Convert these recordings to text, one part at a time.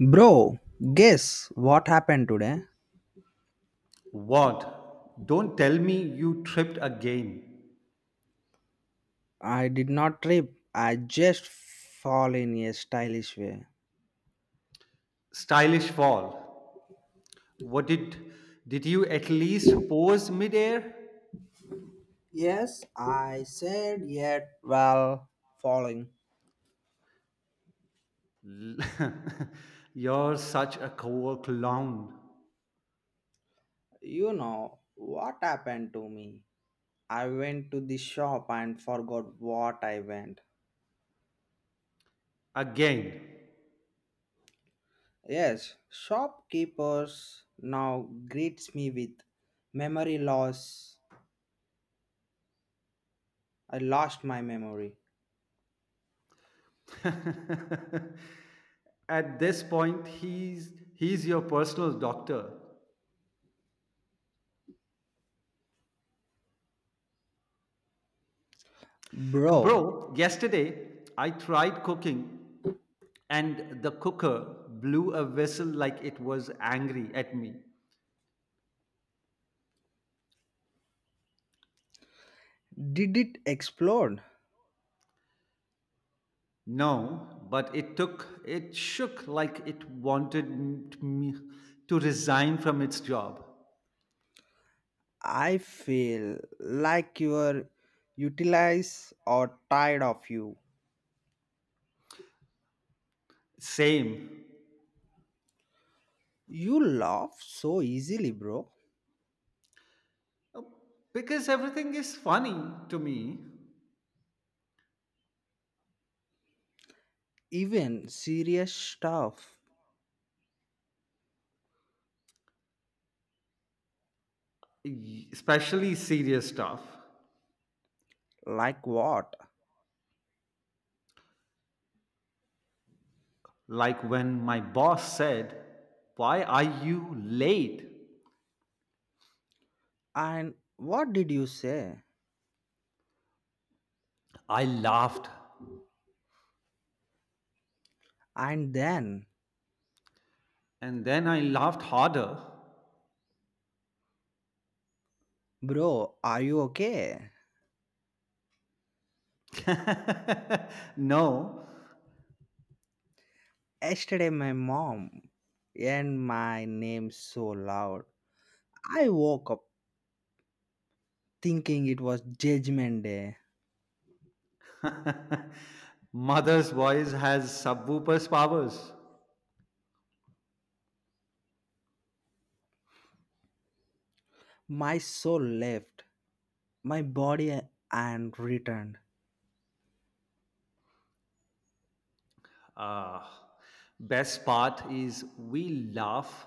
Bro, guess what happened today? What? Don't tell me you tripped again. I did not trip. I just fall in a stylish way. Stylish fall. What did you at least pose midair? Yes, I said yet while falling. L- You're such a cool clown. You know what happened to me? I went to the shop and forgot what I went. Again. Yes, shopkeepers now greets me with memory loss. I lost my memory. At this point he's your personal doctor. And Bro, bro, yesterday I tried cooking and the cooker blew a whistle like it was angry at me. did it explode? No, but it shook like it wanted me to resign from its job. I feel like your utilize or tired of you. Same. You laugh so easily, bro. Because everything is funny to me, Even serious stuff especially serious stuff. like what? Like when my boss said, "Why are you late?" And what did you say? I laughed. And then, And then I laughed harder. bro, are you okay? No, Yesterday, my mom and my name so loud. I woke up thinking it was Judgment Day. mother's voice has subwoofer's powers. My soul left my body and returned. Uh, Best part is we laugh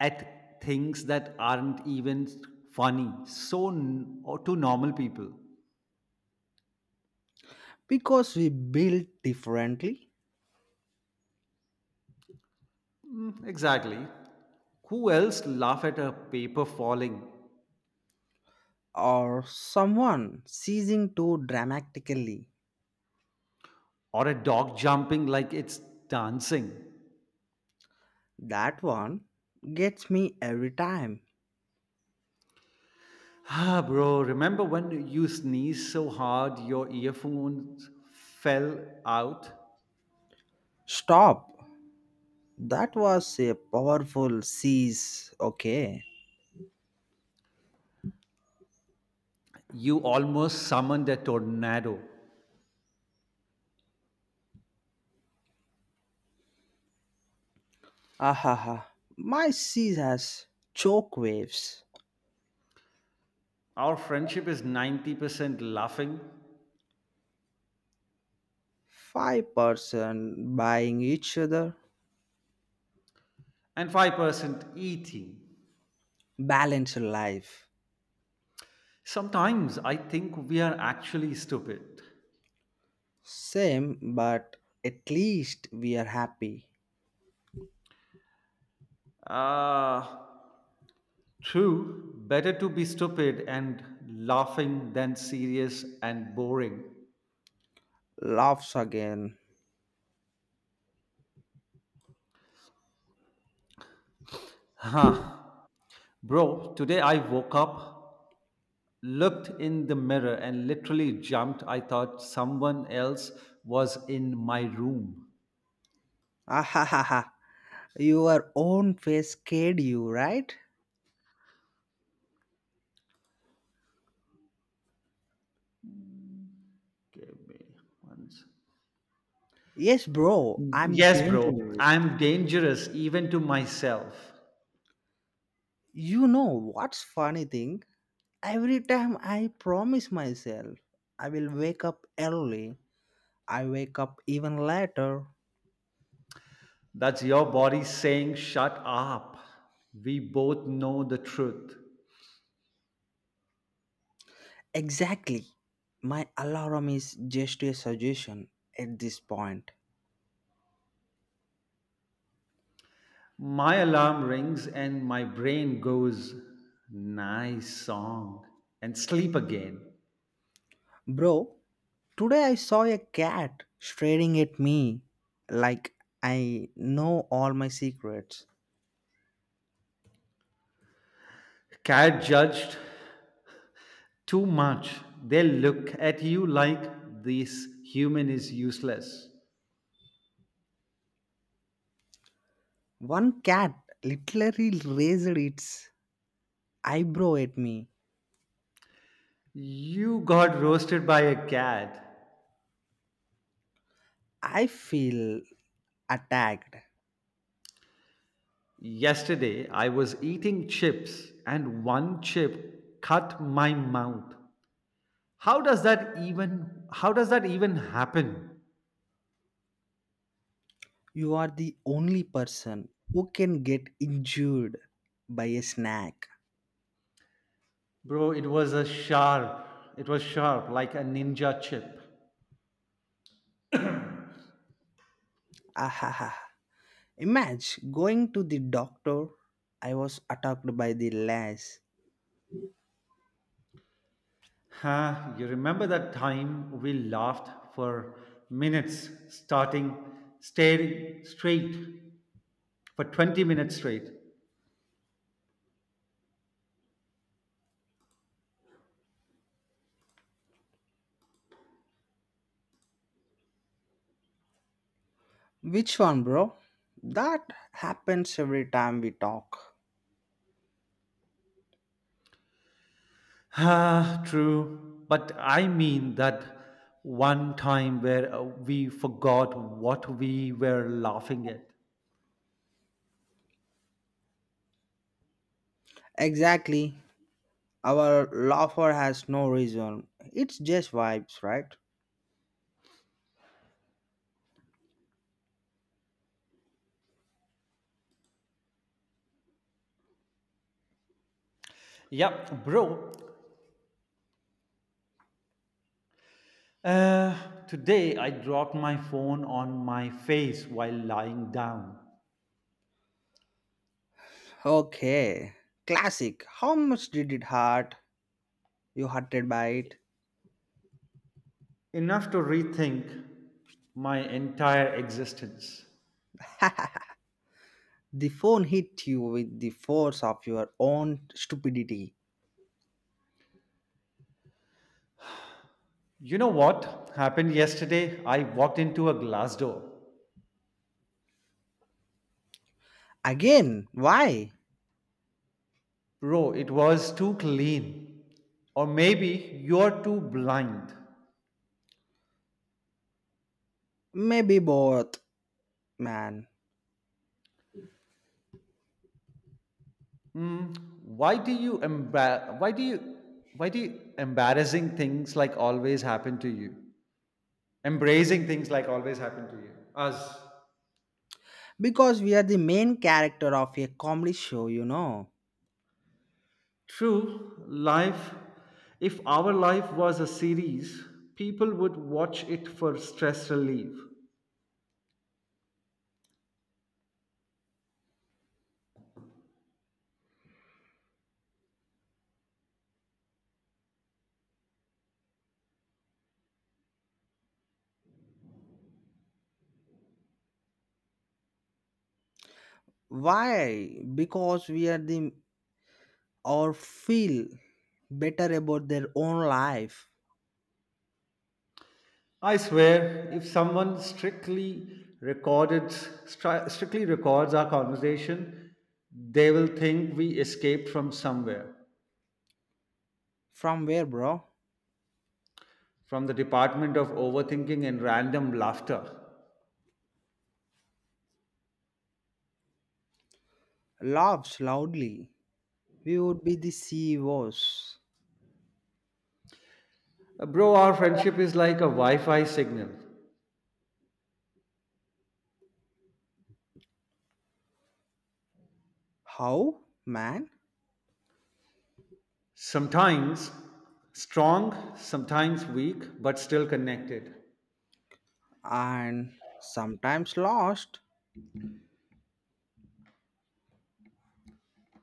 at things that aren't even funny, so or to normal people. Because we build differently, Mm, exactly. Who else laugh at a paper falling or someone ceasing too dramatically. or a dog jumping like it's dancing? That one gets me every time. Ah, bro, remember when you sneezed so hard your earphones fell out? Stop. That was a powerful seize. Okay. You almost summoned a tornado. Ahaha. My seize has choke waves. Our friendship is 90% laughing Five-person buying each other. and 5% eating. Balance life. Sometimes I think we are actually stupid. Same, but at least we are happy. Uh, True, better to be stupid and laughing than serious and boring. Laughs again. Huh. Bro, today I woke up, looked in the mirror, and literally jumped. I thought someone else was in my room. Ahaha. Your own face scared you, right? Give me one. Yes, bro, I'm Yes, bro, dangerous. I'm dangerous even to myself. You know what's funny thing? Every time I promise myself I will wake up early, I wake up even later. That's your body saying, "Shut up. We both know the truth." Exactly. My alarm is just a suggestion at this point. My alarm rings and my brain goes, "Nice song," and sleep again. Bro, today I saw a cat staring at me like I know all my secrets. Cat judged too much. They look at you like this human is useless. One cat literally raised its eyebrow at me. You got roasted by a cat. I feel attacked. Yesterday, I was eating chips and one chip cut my mouth. How does that even happen? You are the only person who can get injured by a snack. Bro, it was a sharp. It was sharp like a ninja chip. Ahaha. Imagine going to the doctor. I was attacked by the lice. Huh, you remember that time we laughed for minutes starting staring straight for 20 minutes straight. Which one, bro? That happens every time we talk. Ah, true. But I mean that one time where we forgot what we were laughing at. Exactly. Our laughter has no reason. It's just vibes, right? Yeah, bro. Uh, Today, I dropped my phone on my face while lying down, Okay, classic. How much did it hurt? You hurted by it. enough to rethink my entire existence. the phone hit you with the force of your own stupidity. You know what happened yesterday? I walked into a glass door. Again, why? Bro, it was too clean. Or maybe you're too blind. Maybe both, man. Hmm. Why do you why do you embarrassing things like always happen to you? Embracing things like always happen to you. Us. Because we are the main character of a comedy show, you know. True, life, if our life was a series, people would watch it for stress relief. Why? Because we are the or feel better about their own life. I swear, if someone strictly recorded, stri- strictly records our conversation, they will think we escaped from somewhere, From where, bro? from the department of overthinking and random laughter. Laughs loudly. We would be the CEOs. Bro, our friendship is like a Wi Fi signal. How, man? Sometimes strong, sometimes weak, but still connected. And sometimes lost.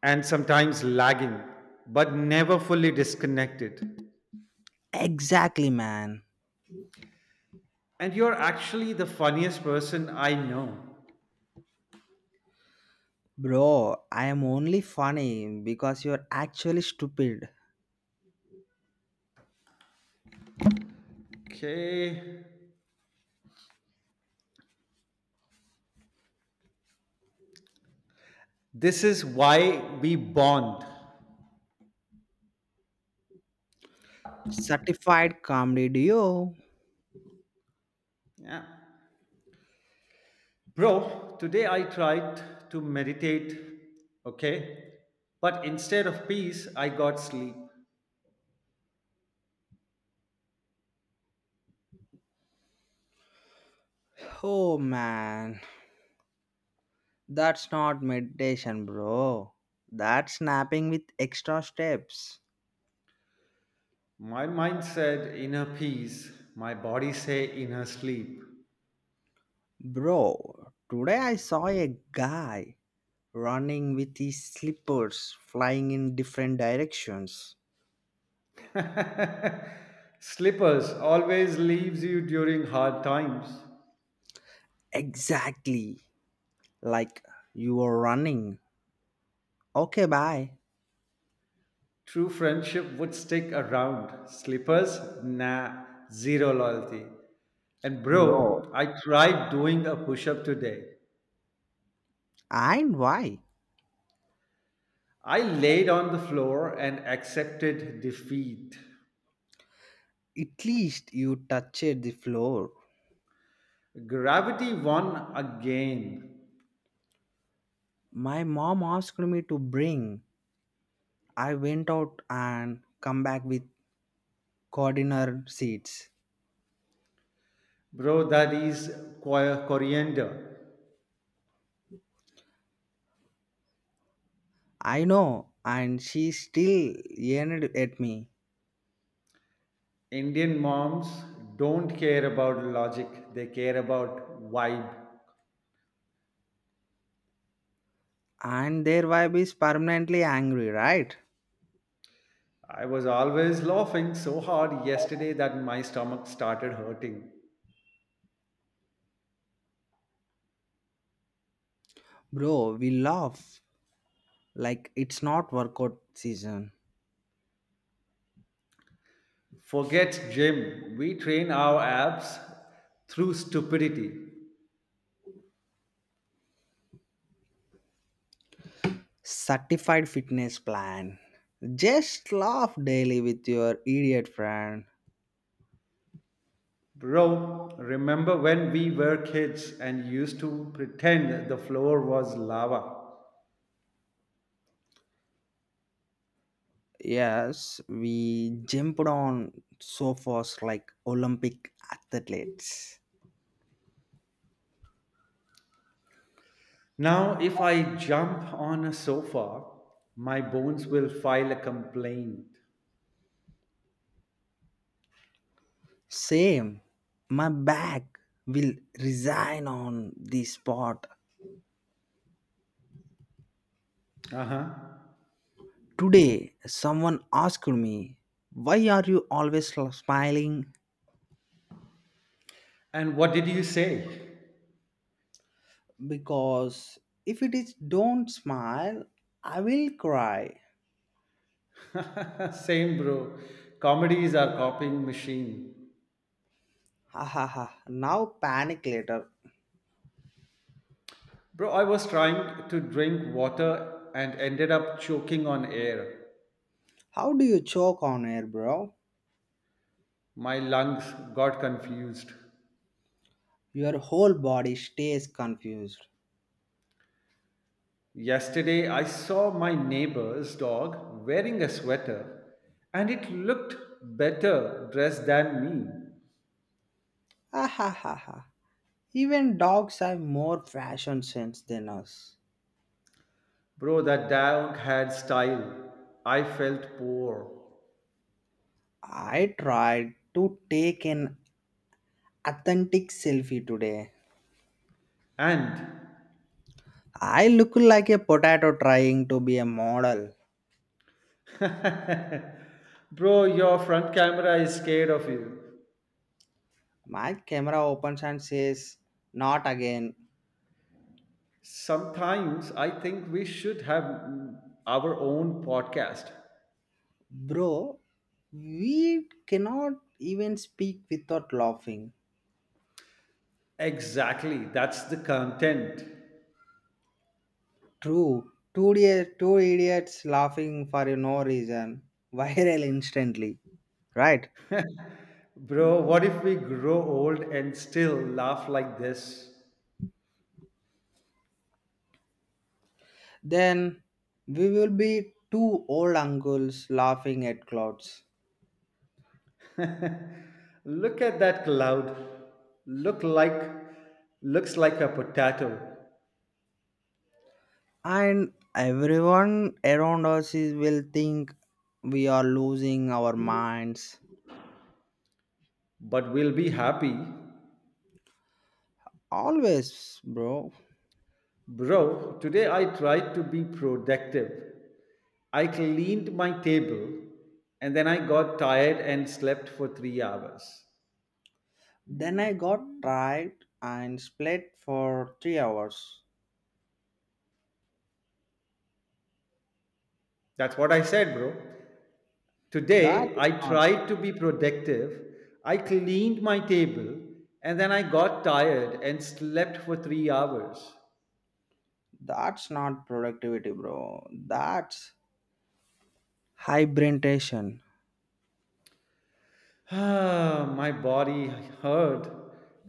And sometimes lagging, but never fully disconnected. Exactly, man. And you're actually the funniest person I know. Bro, I am only funny because you're actually stupid. Okay. This is why we bond. Certified comedy duo. Yeah. Bro, today I tried to meditate, okay? But instead of peace, I got sleep. Oh, man. That's not meditation, bro. That's snapping with extra steps. My mind said inner peace, my body say inner sleep. Bro, today I saw a guy running with his slippers flying in different directions. Slippers always leaves you during hard times. Exactly. Like you were running. Okay, bye, True friendship would stick around. Slippers? Nah, zero loyalty. And bro. bro, I tried doing a push up today. And why? I laid on the floor and accepted defeat. At least you touched the floor. Gravity won again. My mom asked me to bring. I went out and come back with cordiner seeds. Bro, that is coriander. I know, and she still yelled at me. Indian moms don't care about logic, they care about vibe. And their vibe is permanently angry, right? I was always laughing so hard yesterday that my stomach started hurting. Bro, we laugh like it's not workout season. Forget gym. We train our abs through stupidity. Certified fitness plan. Just laugh daily with your idiot friend. Bro, remember when we were kids and used to pretend the floor was lava? Yes, we jumped on sofas like Olympic athletes. Now, if I jump on a sofa, my bones will file a complaint. Same. My back will resign on the spot. Uh huh. Today, someone asked me, "Why are you always smiling?" And what did you say? Because if it is don't smile, I will cry. Same, bro. Comedies are copying machine. Ha ha ha. Now panic later. Bro, I was trying to drink water and ended up choking on air. How do you choke on air, bro? My lungs got confused. Your whole body stays confused. Yesterday, I saw my neighbor's dog wearing a sweater and it looked better dressed than me. Ah ha ha ha. Even dogs have more fashion sense than us. Bro, that dog had style. I felt poor. I tried to take an authentic selfie today. And, I look like a potato trying to be a model. bro, your front camera is scared of you. My camera opens and says, "Not again." Sometimes I think we should have our own podcast. Bro, we cannot even speak without laughing. Exactly, that's the content. True. Two idiots laughing for no reason. Viral instantly. Right? Bro, what if we grow old and still laugh like this? Then we will be two old uncles laughing at clouds. Look at that cloud. Look like Looks like a potato, And everyone around us is, will think we are losing our minds. but we'll be happy. Always, bro. Bro, today I tried to be productive. I cleaned my table and then I got tired and slept for 3 hours. Then I got tried and split for 3 hours. That's what I said, bro. That's Today, I not tried to be productive. I cleaned my table and then I got tired and slept for 3 hours. that's not productivity, bro. That's hibernation. My body heard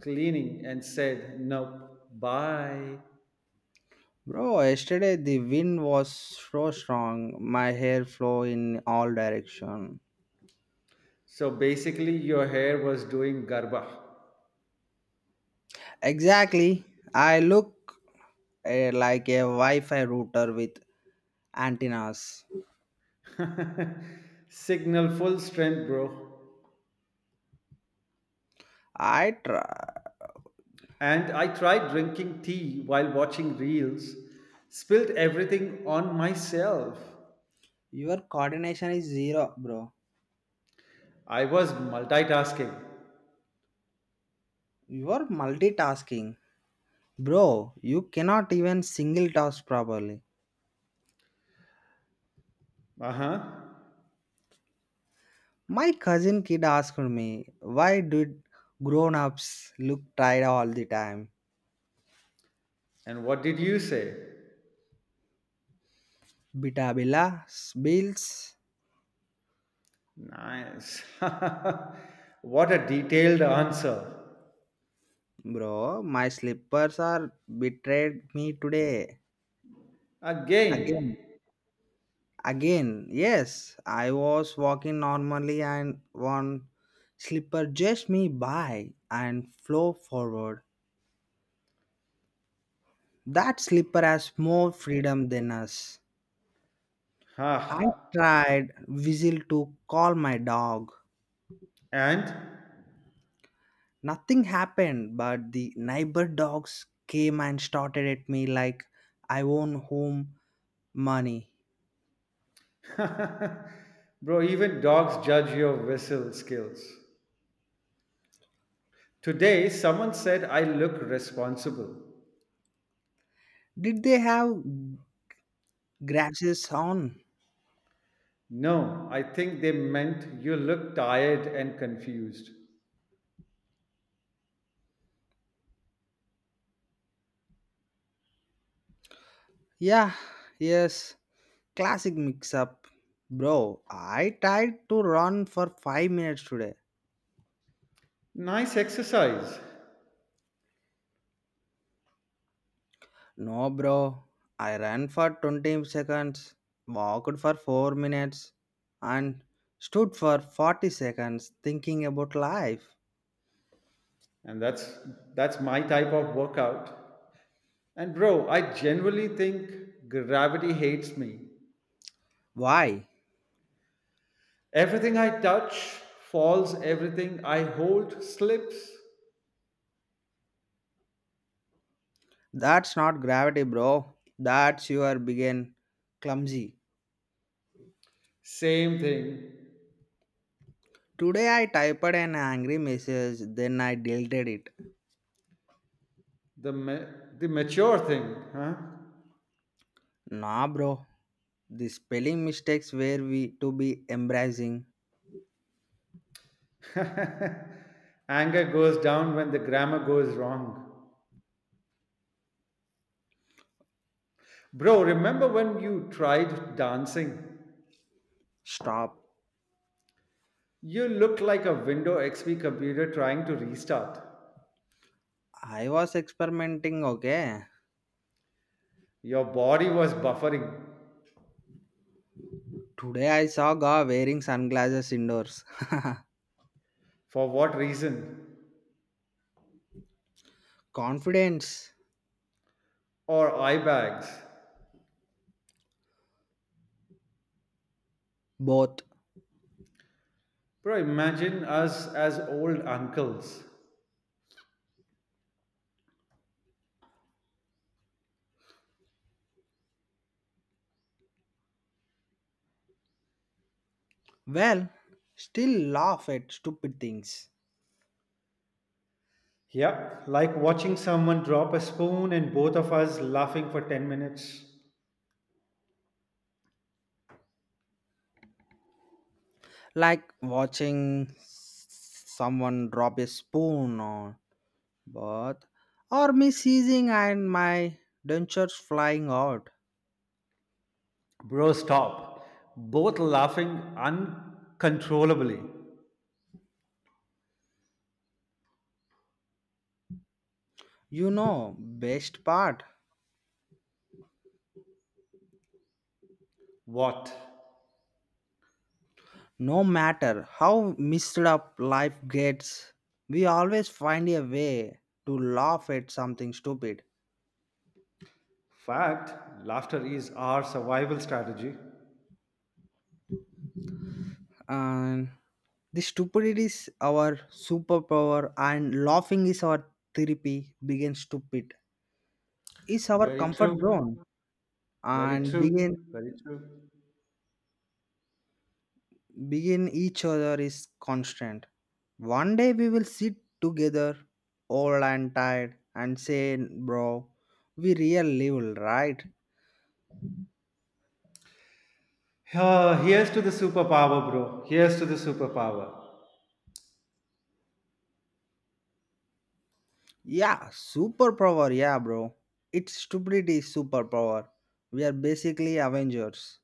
cleaning and said, "Nope, bye." Bro, yesterday the wind was so strong, my hair flew in all direction. So basically, your hair was doing garba. Exactly. I look eh, like a Wi-Fi router with antennas. Signal full strength, bro. I try. And I tried drinking tea while watching reels, spilled everything on myself. Your coordination is zero, bro. I was multitasking. You are multitasking. Bro, you cannot even single task properly. Uh-huh. My cousin kid asked me, why did grown-ups look tired all the time? And what did you say? Bitabila Bills, Nice. What a detailed answer. bro. My slippers are betrayed me today. Again. Again, again. Yes, I was walking normally and one slipper just me by and flow forward. That slipper has more freedom than us. Ha. I tried whistle to call my dog. And? Nothing happened, but the neighbor dogs came and started at me like I own home money. Bro, even dogs judge your whistle skills. Today, someone said I look responsible. Did they have glasses on? No, I think they meant you look tired and confused. Yeah, yes. Classic mix up. Bro, I tried to run for 5 minutes today. Nice exercise. No, bro. I ran for 20 seconds, walked for 4 minutes, and stood for 40 seconds thinking about life. And that's my type of workout. And bro, I genuinely think gravity hates me. Why? Everything I touch falls, everything I hold slips. That's not gravity, bro. That's your begin clumsy. Same thing. Today I typed an angry message, then I deleted it. The, ma- the mature thing, huh? Nah, bro. The spelling mistakes were we to be embracing. Anger goes down when the grammar goes wrong. Bro, remember when you tried dancing? Stop. You looked like a Windows XP computer trying to restart. I was experimenting, okay? Your body was buffering. Today I saw Ga wearing sunglasses indoors. For what reason? Confidence. Or eye bags. Both. Bro, imagine us as old uncles. Well, still laugh at stupid things. Yeah, like watching someone drop a spoon and both of us laughing for 10 minutes. Like watching someone drop a spoon or but or me seizing and my dentures flying out. Bro, stop. Both laughing uncontrollably. You know, best part. What? No matter how messed up life gets, we always find a way to laugh at something stupid. Fact, laughter is our survival strategy. And the stupidity is our superpower, and laughing is our therapy. Begin stupid is our Very comfort true. zone, Very and begin true. Very true. begin each other is constant. One day we will sit together, old and tired, and say, "Bro, we real level, right?" Ah, here's to the superpower, bro. Here's to the superpower. Yeah, superpower. Yeah, bro. It's stupidity superpower. We are basically Avengers.